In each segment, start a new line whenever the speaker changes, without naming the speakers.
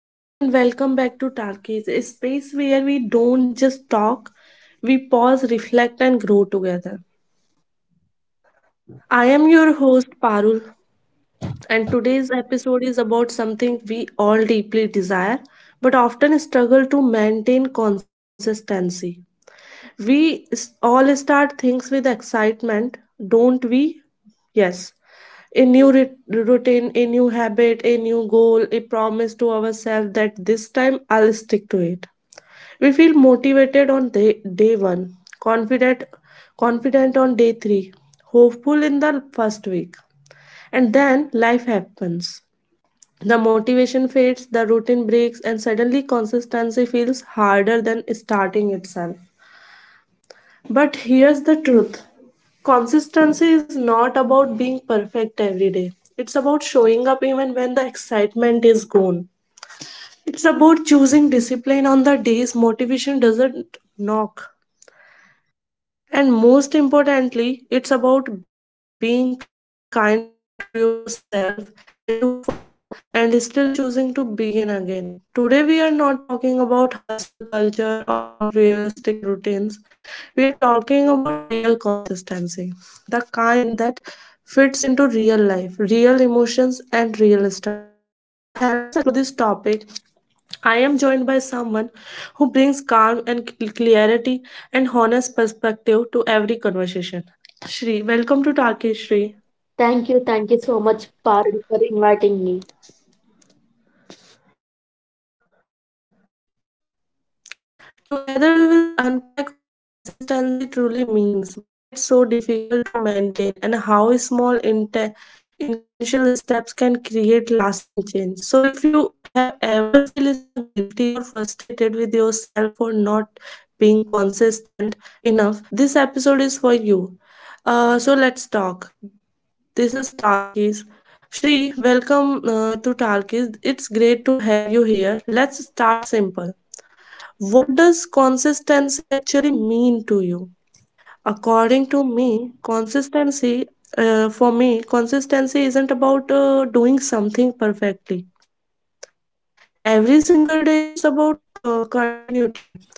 Hello and welcome back to Talkies, a space where we don't just talk, we pause, reflect, and grow together. I am your host, Parul, and today's episode is about something we all deeply desire but often struggle to maintain consistency. We all start things with excitement, don't we? Yes, a new routine, a new habit, a new goal, a promise to ourselves that this time I'll stick to it. We feel motivated on day one, confident, confident on day three, hopeful in the first week. And then life happens. The motivation fades, the routine breaks, and suddenly consistency feels harder than starting itself. But here's the truth: consistency is not about being perfect every day, it's about showing up even when the excitement is gone. It's about choosing discipline on the days motivation doesn't knock. And most importantly, it's about being kind to yourself when you fall and still choosing to begin again. Today, we are not talking about hustle culture or unrealistic routines. We are talking about real consistency, the kind that fits into real life, real emotions, and real struggles. To help us explore this topic, I am joined by someone who brings calm and clarity and honest perspective to every conversation. Shri, welcome to Talkish
Thank
Shri.
you so much, Parul, for inviting me.
Together, will unpack what consistency truly means, why it's so difficult to maintain, and how small intentional steps can create lasting change. So, if you have ever feel stuck, guilty, or frustrated with yourself for not being consistent enough, this episode is for you. So, let's talk. This is Talkies. Shri, welcome to Talkies. It's great to have you here. Let's start simple. What does consistency actually mean to you? According to me, consistency, for me, consistency isn't about doing something perfectly. Every single day, it's about continuity,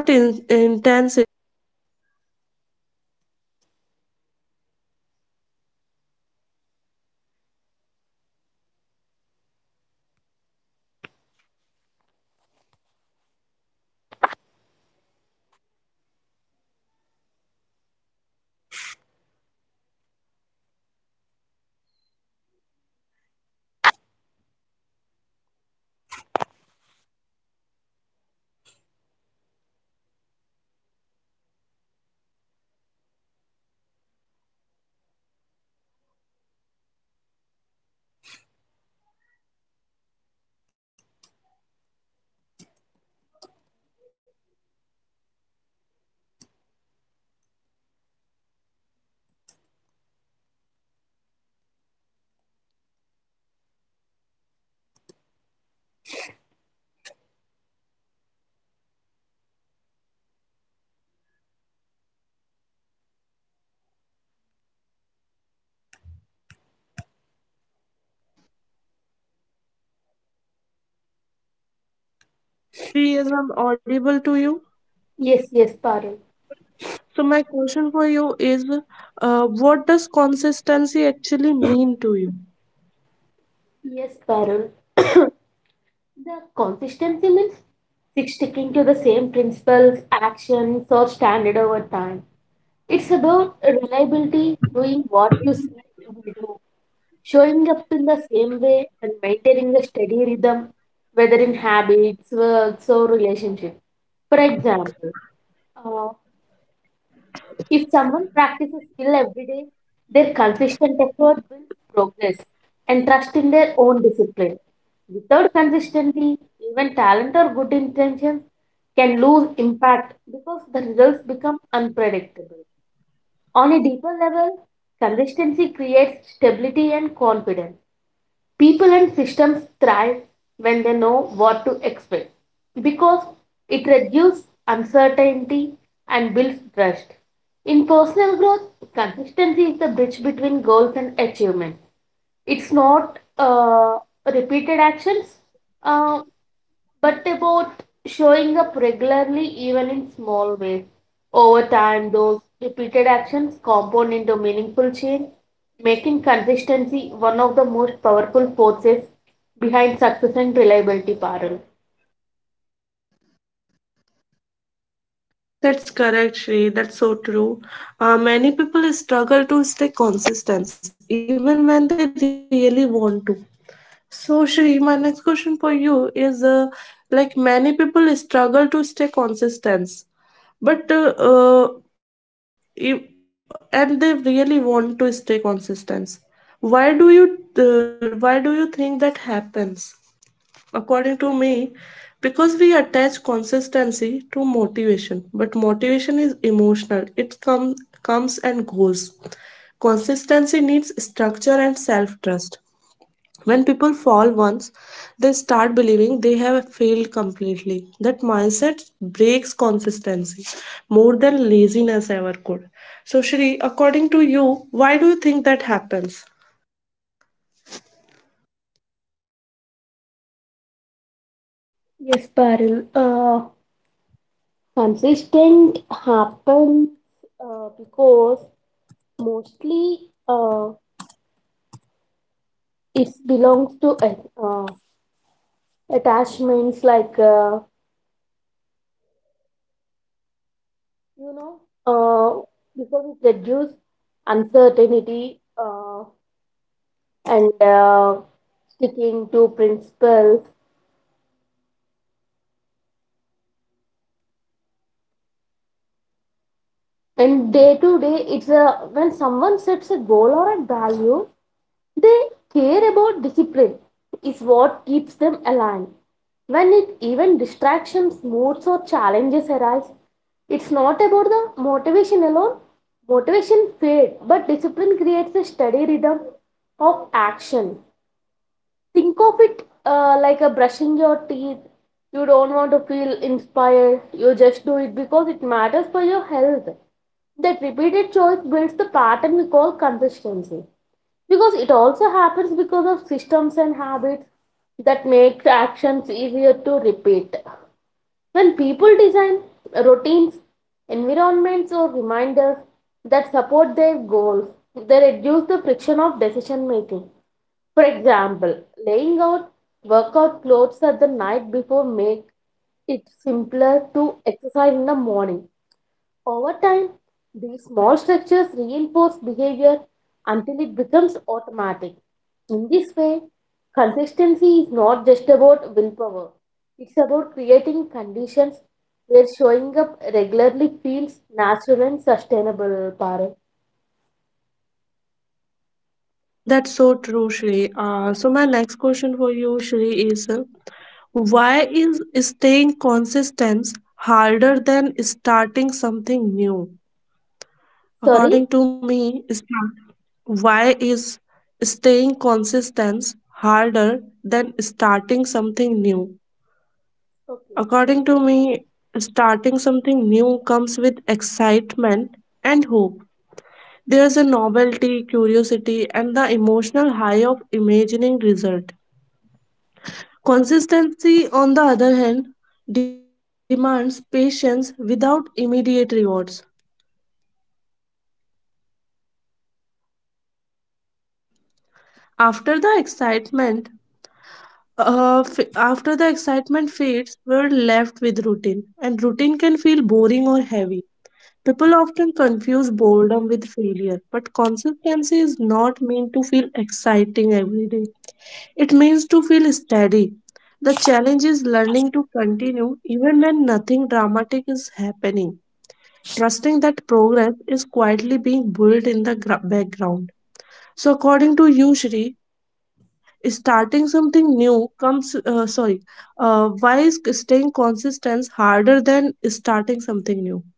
not intensity. It's choosing to return to something, even after breaks, failures, or missed days. Consistency is quiet. It doesn't announce itself, it builds slowly, often unnoticed, until one day you realize how far you have come. So, Shri, according to you, uh, according to you, what does consistency actually mean to you? Yes, I'm audible to you.
Yes, yes, Parul.
So my question for you is, what does consistency actually mean to you?
Yes, Parul. The consistency means six sticking to the same principles, actions, or standard over time. It's about reliability, doing what you say you will do, showing up in the same way, and maintaining a steady rhythm, whether in habits, works, or relationships. For example, uh, if someone practices skill every day, their consistent effort builds progress and trust in their own discipline. Without consistency, even talent or good intentions can lose impact because the results become unpredictable. On a deeper level, consistency creates stability and confidence. People and systems thrive when they know what to expect, because it reduces uncertainty and builds trust. In personal growth, consistency is the bridge between goals and achievement. It's not repeated actions, uh, but about showing up regularly even in small ways. Over time, those repeated actions compound into meaningful change, making consistency one of the most powerful forces behind success and reliability, Parul.
That's correct, Shri. That's so true. Many people struggle to stay consistent even when they really want to. So, Shri, my next question for you is like many people struggle to stay consistent, but if, and they really want to stay consistent. Why do you why do you think that happens? According to me, because we attach consistency to motivation, but motivation is emotional, it comes. Consistency needs structure and self trust. When people fall once, they start believing they have failed completely. That mindset breaks consistency more than laziness ever could. So, Shri, according to you, why do you think that happens?
Yes, Parul. Consistent happens because mostly uh, it belongs to uh, attachments, like you know, uh, because it reduces uncertainty and sticking to principles. And day to day, it's a when someone sets a goal or a value, they care about discipline. Is what keeps them aligned. When it even distractions, moods, or challenges arise, it's not about the motivation alone. Motivation fades, but discipline creates a steady rhythm of action. Think of it, like a brushing your teeth. You don't want to feel inspired, you just do it because it matters for your health. That repeated choice builds the pattern we call consistency, because it also happens because of systems and habits that make actions easier to repeat. When people design routines, environments, or reminders that support their goals, they reduce the friction of decision making. For example, laying out workout clothes at the night before make it simpler to exercise in the morning. Over time, these small structures reinforce behavior until it becomes automatic. In this way, consistency is not just about willpower, it's about creating conditions where showing up regularly feels natural and sustainable, Parul.
That's so true, Shri. So my next question for you, Shri, is why is staying consistent harder than starting something new?
Sorry?
According to me, why is staying consistent harder than starting something new?
Okay.
According to me, starting something new comes with excitement and hope. There's a novelty, curiosity, and the emotional high of imagining result. Consistency, on the other hand, demands patience without immediate rewards. After the excitement, after the excitement fades, we're left with routine, and routine can feel boring or heavy. People often confuse boredom with failure, but consistency is not meant to feel exciting every day. It means to feel steady. The challenge is learning to continue even when nothing dramatic is happening. Trusting that progress is quietly being built in the background. So, according to you, Shri, starting something new comes, sorry, why is staying consistent harder than starting something new?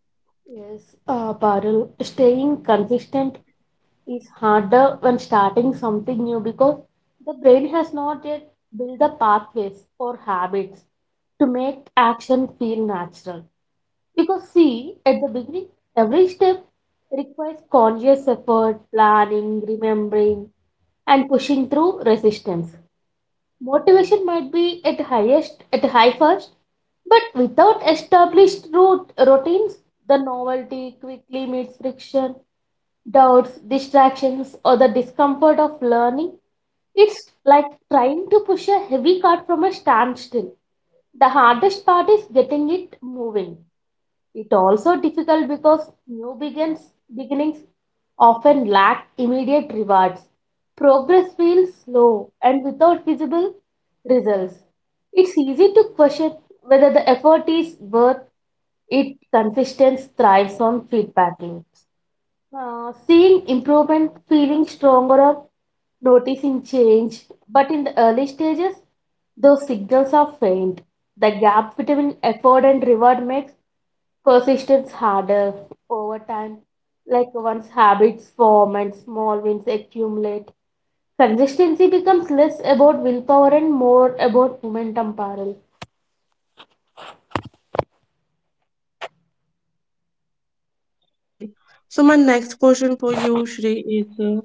Yes, Parul, staying consistent is harder when starting something new, because the brain has not yet built the pathways or habits to make action feel natural. Because, see, at the beginning, every step requires conscious effort, planning, remembering, and pushing through resistance. Motivation might be at highest at high first, but without established route routines, the novelty quickly meets friction, doubts, distractions, or the discomfort of learning. It's like trying to push a heavy cart from a standstill. The hardest part is getting it moving. It also difficult because new beginnings often lack immediate rewards. Progress feels slow and without visible results. It's easy to question whether the effort is worth it. Consistency thrives on feedback loops. Seeing improvement, feeling stronger, or noticing change. But in the early stages, those signals are faint. The gap between effort and reward makes persistence harder over time. Like once habits form and small wins accumulate, consistency becomes less about willpower and more about momentum, Parul.
That's correct, Shri. So my next question for you, Shri, is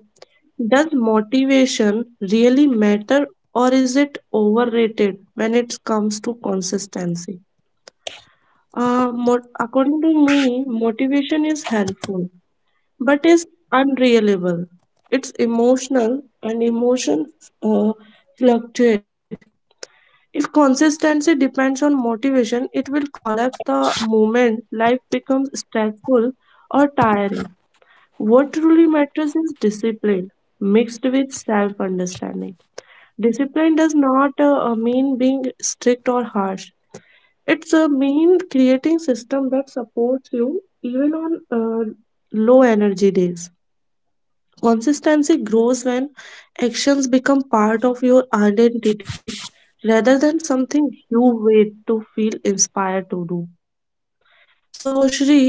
does motivation really matter or is it overrated when it comes to consistency? According to me, motivation is helpful, but is unreliable. It's emotional and emotions fluctuate. If consistency depends on motivation, it will collapse the moment life becomes stressful or tiring. What truly matters is discipline mixed with self understanding. Discipline does not mean being strict or harsh. It's a mean creating system that supports you even on low energy days. Consistency grows when actions become part of your identity rather than something you wait to feel inspired to do. So, Shri,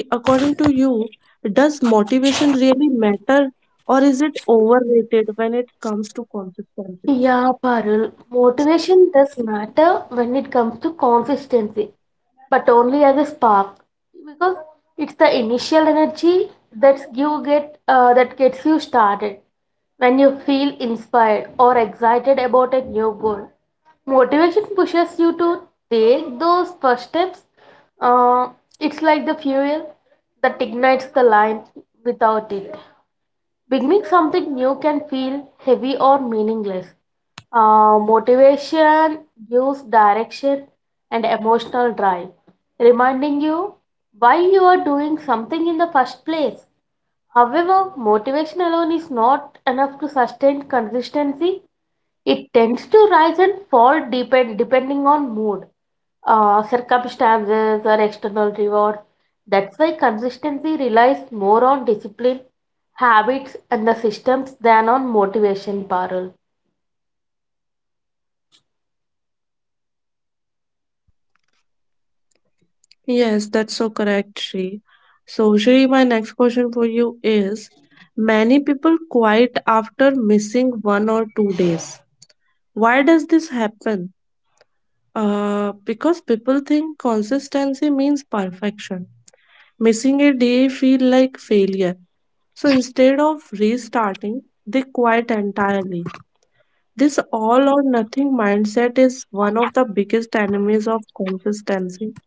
according to you, does motivation really matter or is it overrated when it comes to consistency?
Yeah, Parul, motivation does matter when it comes to consistency, but only as a spark, because it's the initial energy that gets you started. When you feel inspired or excited about a new goal, motivation pushes you to take those first steps. Uh, it's like the fuel that ignites the line. Without it, beginning something new can feel heavy or meaningless. Motivation gives direction and emotional drive, reminding you why you are doing something in the first place. However, motivation alone is not enough to sustain consistency. It tends to rise and fall, depending on mood, circumstances, or external rewards. That's why consistency relies more on discipline, habits, and the systems than on motivation, Parul.
Yes, that's so correct, Shri. So, Shri, my next question for you is: many people quit after missing one or two days. Why does this happen? Because people think consistency means perfection. Missing a day feel like failure. So instead of restarting, they quit entirely. This all or nothing mindset is one of the biggest enemies of consistency.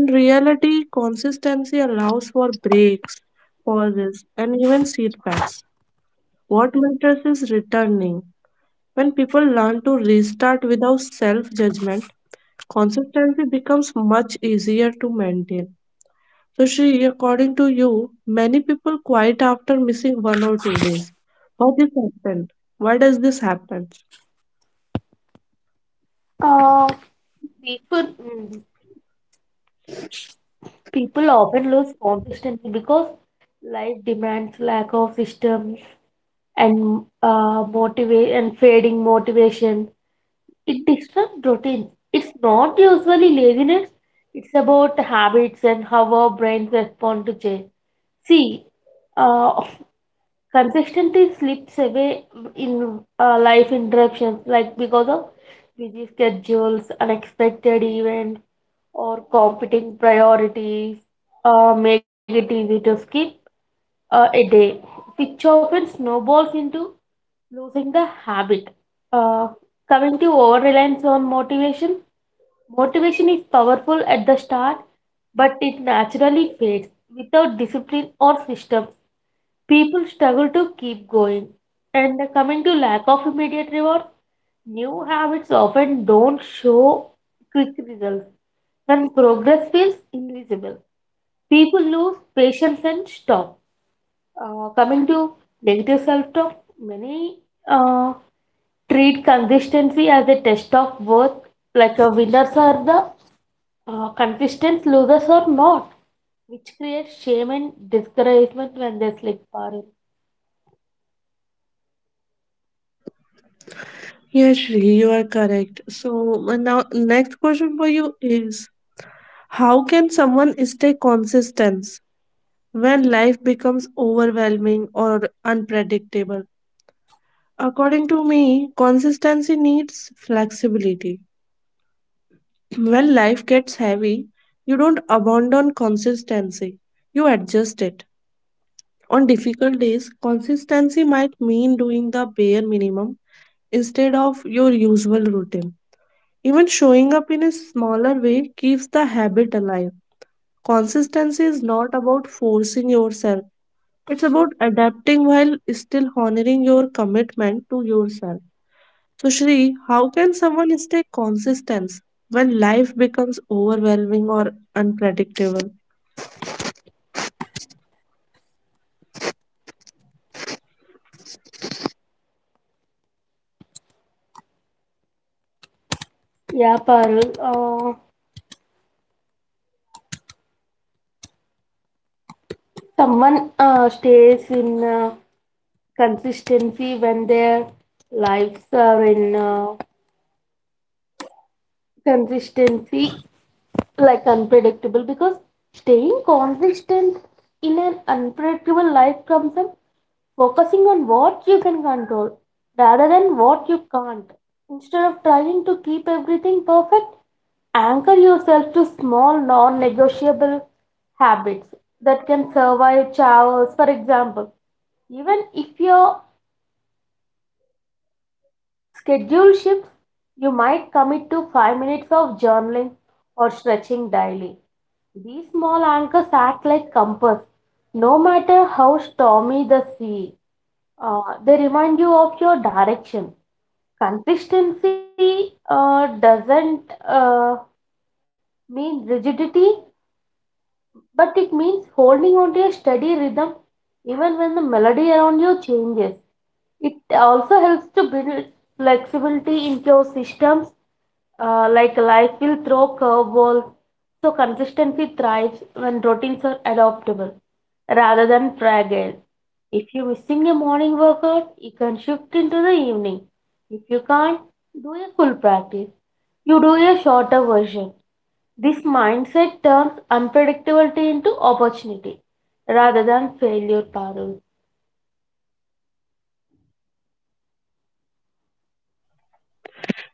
In reality, consistency allows for breaks, pauses, and even setbacks. What matters is returning. When people learn to restart without self judgment, consistency becomes much easier to maintain. So, Shri, according to you, many people quit after missing one or two days. Why this happen? Why does this happen?
Uh, people, mm, People often lose consistency because life demands, lack of system, and fading motivation. It disrupts routine. It's not usually laziness. It's about habits and how our brains respond to change. See, uh, consistency slips away in life interruptions, like because of busy schedules, unexpected events, or competing priorities, make it easy to skip a day, which often snowballs into losing the habit. Uh, Coming to over reliance on motivation. Motivation is powerful at the start, but it naturally fades. Without discipline or system, people struggle to keep going. And coming to lack of immediate reward, new habits often don't show quick results. When progress feels invisible, people lose patience and stop. Coming to negative self talk, many uh, treat consistency as a test of worth, like a winners are the consistent losers or not, which creates shame and discouragement when they slip, Parul.
Yes, Shri, you are correct. So now, next question for you is: how can someone stay consistent when life becomes overwhelming or unpredictable? According to me, consistency needs flexibility. When life gets heavy, you don't abandon consistency, you adjust it. On difficult days, consistency might mean doing the bare minimum instead of your usual routine. Even showing up in a smaller way keeps the habit alive. Consistency is not about forcing yourself, it's about adapting while still honoring your commitment to yourself. So, Shri, how can someone stay consistent when life becomes overwhelming or unpredictable?
Yeah, Parul. Someone stays in consistency when their lives are in consistency, like unpredictable, because staying consistent in an unpredictable life comes from focusing on what you can control rather than what you can't. Instead of trying to keep everything perfect, anchor yourself to small non negotiable habits that can survive showers. For example, even if your schedule shifts, you might commit to 5 minutes of journaling or stretching daily. These small anchors act like compass. No matter how stormy the sea, they remind you of your direction. Consistency doesn't mean rigidity, but it means holding on to a steady rhythm even when the melody around you changes. It also helps to build flexibility into your systems. Like life will throw curveballs, so consistency thrives when routines are adoptable rather than fragile. If you're missing a morning workout, you can shift into the evening. If you can't do a full practice, you do a shorter version. This mindset turns unpredictability into opportunity rather than failure, Parul.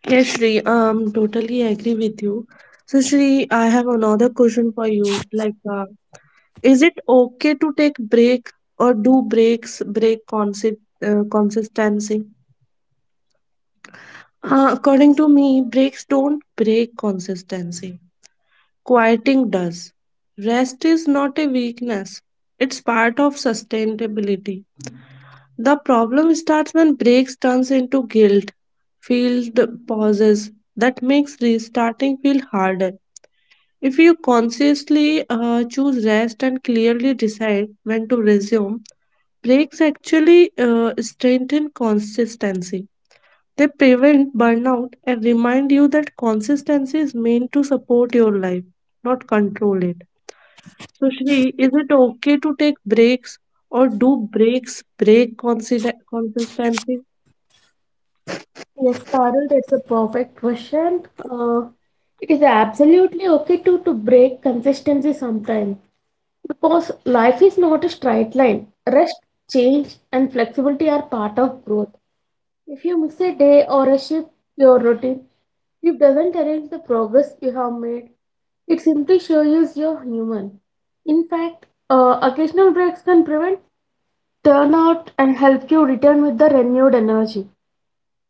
Yes, Shri, totally agree with you. So, Shri, I have another question for you. Like, is it okay to take break or do breaks break consistency? According to me, breaks don't break consistency. Quieting does. Rest is not a weakness. It's part of sustainability. The problem starts when breaks turns into guilt, filled pauses that makes restarting feel harder. If you consciously choose rest and clearly decide when to resume, breaks actually strengthen consistency. They prevent burnout and remind you that consistency is meant to support your life, not control it. So, Shri, is it okay to take breaks or do breaks break consistency?
Yes, Carol, that's a perfect question. Uh, it is absolutely okay to, break consistency sometimes, because life is not a straight line. Rest, change, and flexibility are part of growth. If you miss a day or a shift, your routine, it doesn't erase the progress you have made. It simply shows you're human. In fact, occasional breaks can prevent turnout and help you return with the renewed energy.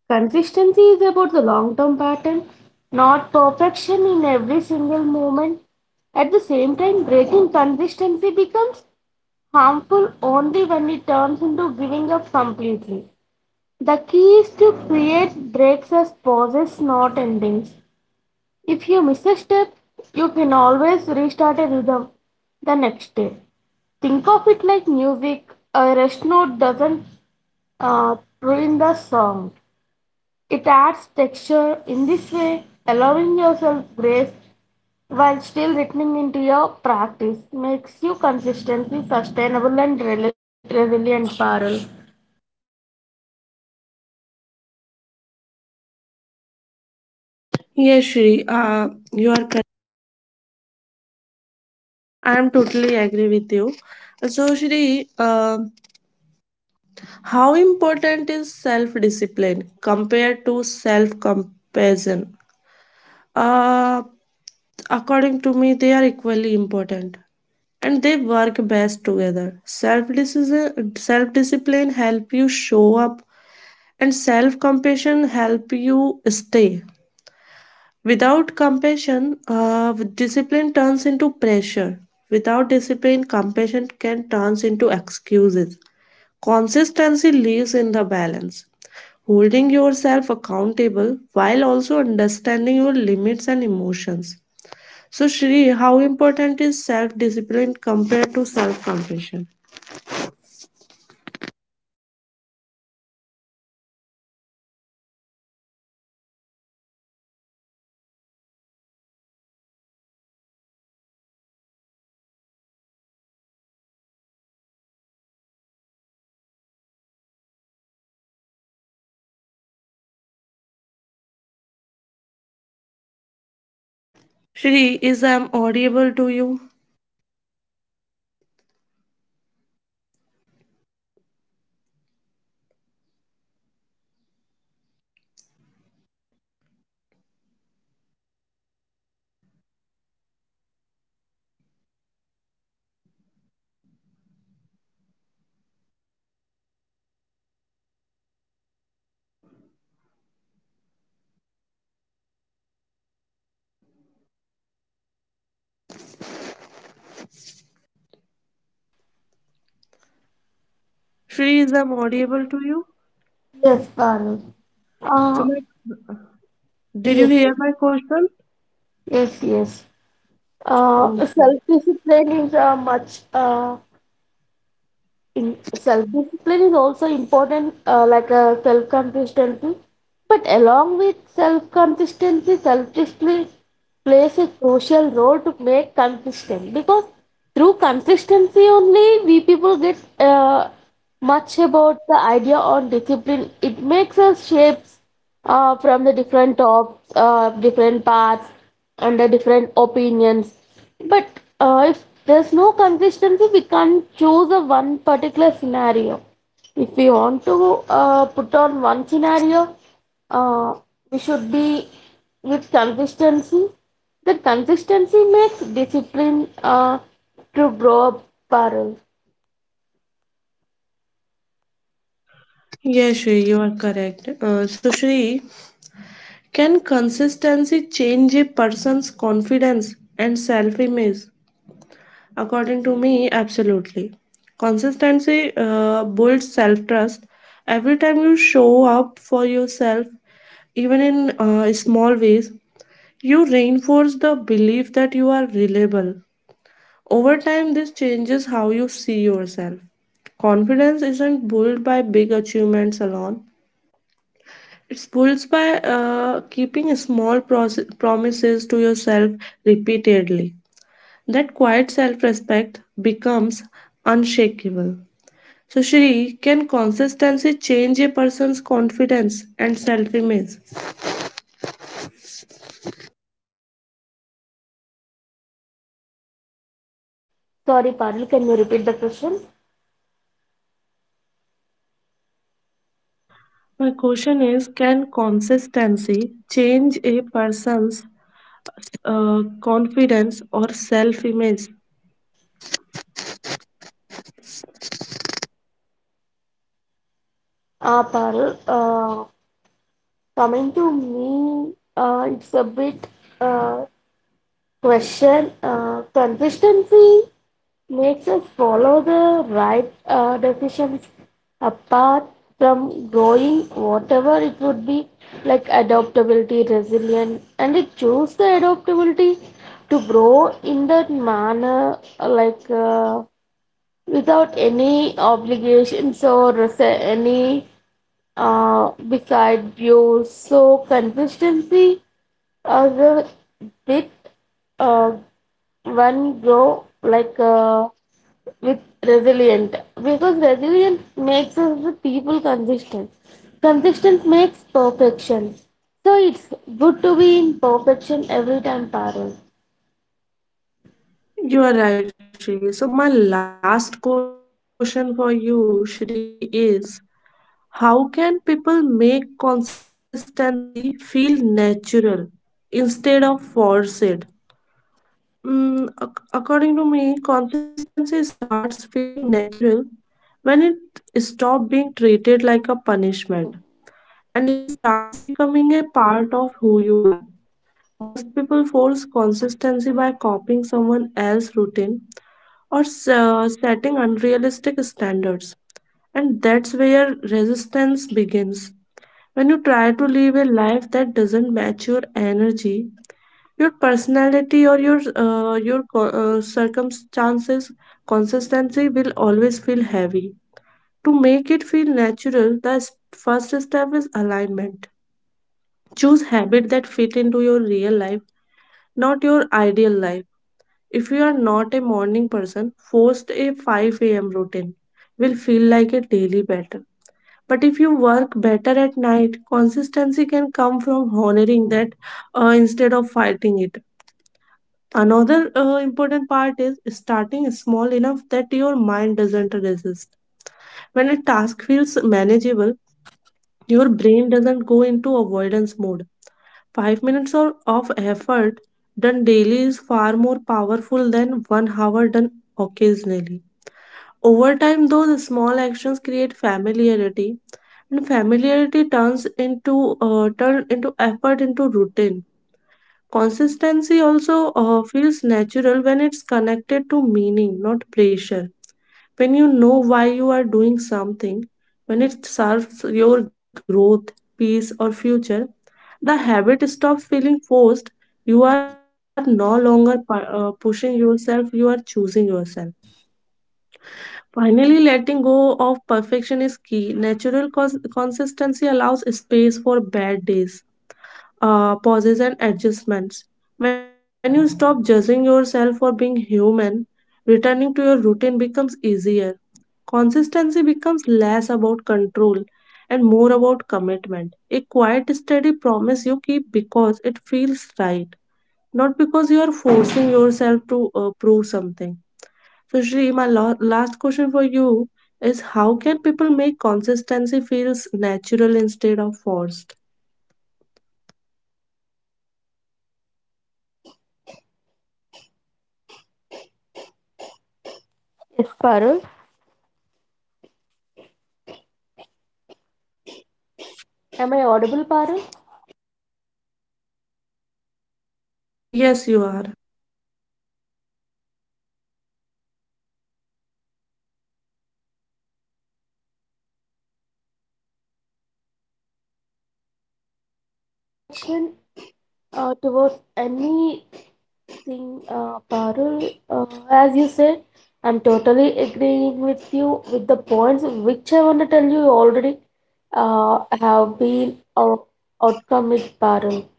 Consistency is about the long term pattern, not perfection in every single moment. At the same time, breaking consistency becomes harmful only when it turns into giving up completely. The key is to create breaks as pauses, not endings. If you miss a step, you can always restart a rhythm the next day. Think of it like music, a rest note doesn't ruin the song. It adds texture. In this way, allowing yourself grace while still returning into your practice makes you consistently sustainable and resilient, Parul.
Yes, Shri, you are. I am totally agree with you. So, Shri, how important is self-discipline compared to self-compassion? Uh, According to me, they are equally important and they work best together. Self-discipline help you show up and self-compassion help you stay. Without compassion, discipline turns into pressure. Without discipline, compassion can turn into excuses. Consistency lives in the balance, holding yourself accountable while also understanding your limits and emotions. So, Shri, how important is self discipline compared to self compassion? Shri, is I'm audible to you? Shri, is I'm audible to you?
Yes, Parul.
So,
Uh,
did you
yes,
hear my question?
yes, yes.
Okay.
Self-discipline is much in self-discipline is also important, like self-consistency. But along with self-consistency, self-discipline plays a crucial role to make consistent, because through consistency only we people get much about the idea on discipline. It makes us shapes from the different tops, different paths, and the different opinions. But if there's no consistency, we can't choose a one particular scenario. If we want to put on one scenario, uh, we should be with consistency. The consistency makes discipline to grow up, Parul.
Yes, Shri, you are correct. So, Shri, can consistency change a person's confidence and self image? According to me, absolutely. Consistency builds self trust. Every time you show up for yourself, even in small ways, you reinforce the belief that you are reliable. Over time, this changes how you see yourself. Confidence isn't built by big achievements alone. It builds by keeping small promises to yourself repeatedly. That quiet self respect becomes unshakable. So, Shri, can consistency change a person's confidence and self image?
Sorry, Parul, can you repeat the question?
My question is: can consistency change a person's confidence or self image?
Ah, Parul, coming to me, it's a bit uh, question. Consistency makes us follow the right decisions, apart from growing whatever it would be, like adaptability, resilience, and it choose the adaptability to grow in that manner, like without any obligations or any beside you. So consistency is a bit uh, one grow, like with resilient, because resilient makes us the people consistent. Consistent makes perfection. So it's good to be in perfection every time, Parul.
You are right, Shri. So, my last question for you, Shri, is: how can people make consistency feel natural instead of forced? According to me, consistency starts feeling natural when it stops being treated like a punishment and starts becoming a part of who you are. Most people force consistency by copying someone else's routine or setting unrealistic standards, and that's resistance begins. When you try to live a life that doesn't match your energy, your personality or your circumstances, consistency will always feel heavy. To make it feel natural, the first step is alignment. Habits that fit into your real life, not your ideal life. If you are not a morning person, forced a 5 a.m. routine will feel like a daily battle. But if you work better at night, consistency can come from honoring that, instead of fighting it. Another important part is small enough that your mind doesn't resist. When a task feels manageable, your brain doesn't go into avoidance mode. 5 minutes of effort done daily is far more powerful than one hour done occasionally. Over time, those small actions create familiarity, and familiarity turns into effort into routine. Consistency also feels natural when it's connected to meaning, not pressure. When you know why you are doing something, when it serves your growth, peace, or future, the habit stops feeling forced. You are no longer pushing yourself, you are choosing yourself. Finally, letting go of perfection is key. Natural consistency allows space for bad days, pauses and adjustments. When you stop judging yourself for being human, returning to your routine becomes easier. Consistency becomes less about control and more about commitment. A quiet, steady promise you keep because it feels right, not because you are forcing yourself to prove something. So, Shri, my last question for you is: how can people make consistency feels natural instead of forced?
Yes, Parul. Am I audible, Parul?
Yes, you are.
Action towards any thing, Parul. As you said, I'm totally agreeing with you. With the points which I want to tell you, already uh, have been outcome with Parul.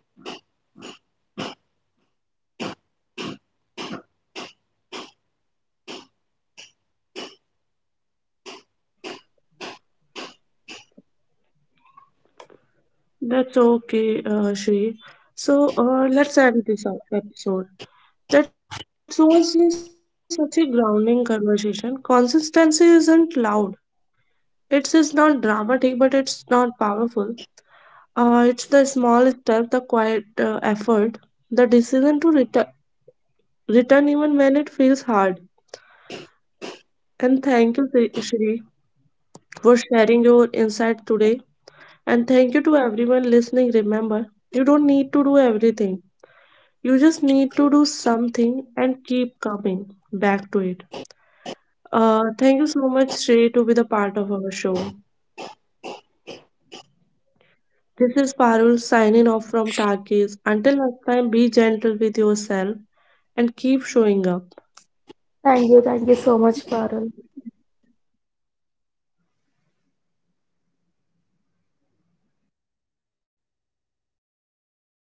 That's okay, Shri. So let's end this episode. That was just such a grounding conversation. Consistency isn't loud. It's just not dramatic, but it's not powerful. It's the small step, the quiet effort, the decision to return even when it feels hard. And thank you, Shri, for sharing your insight today. And thank you to everyone listening. Remember, you don't need to do everything. You just need to do something and keep coming back to it. Thank you so much, Shrey, be the part of our show. This is Parul signing off from Tarkis. Until next time, be gentle with yourself and keep showing up.
Thank you so much, Parul.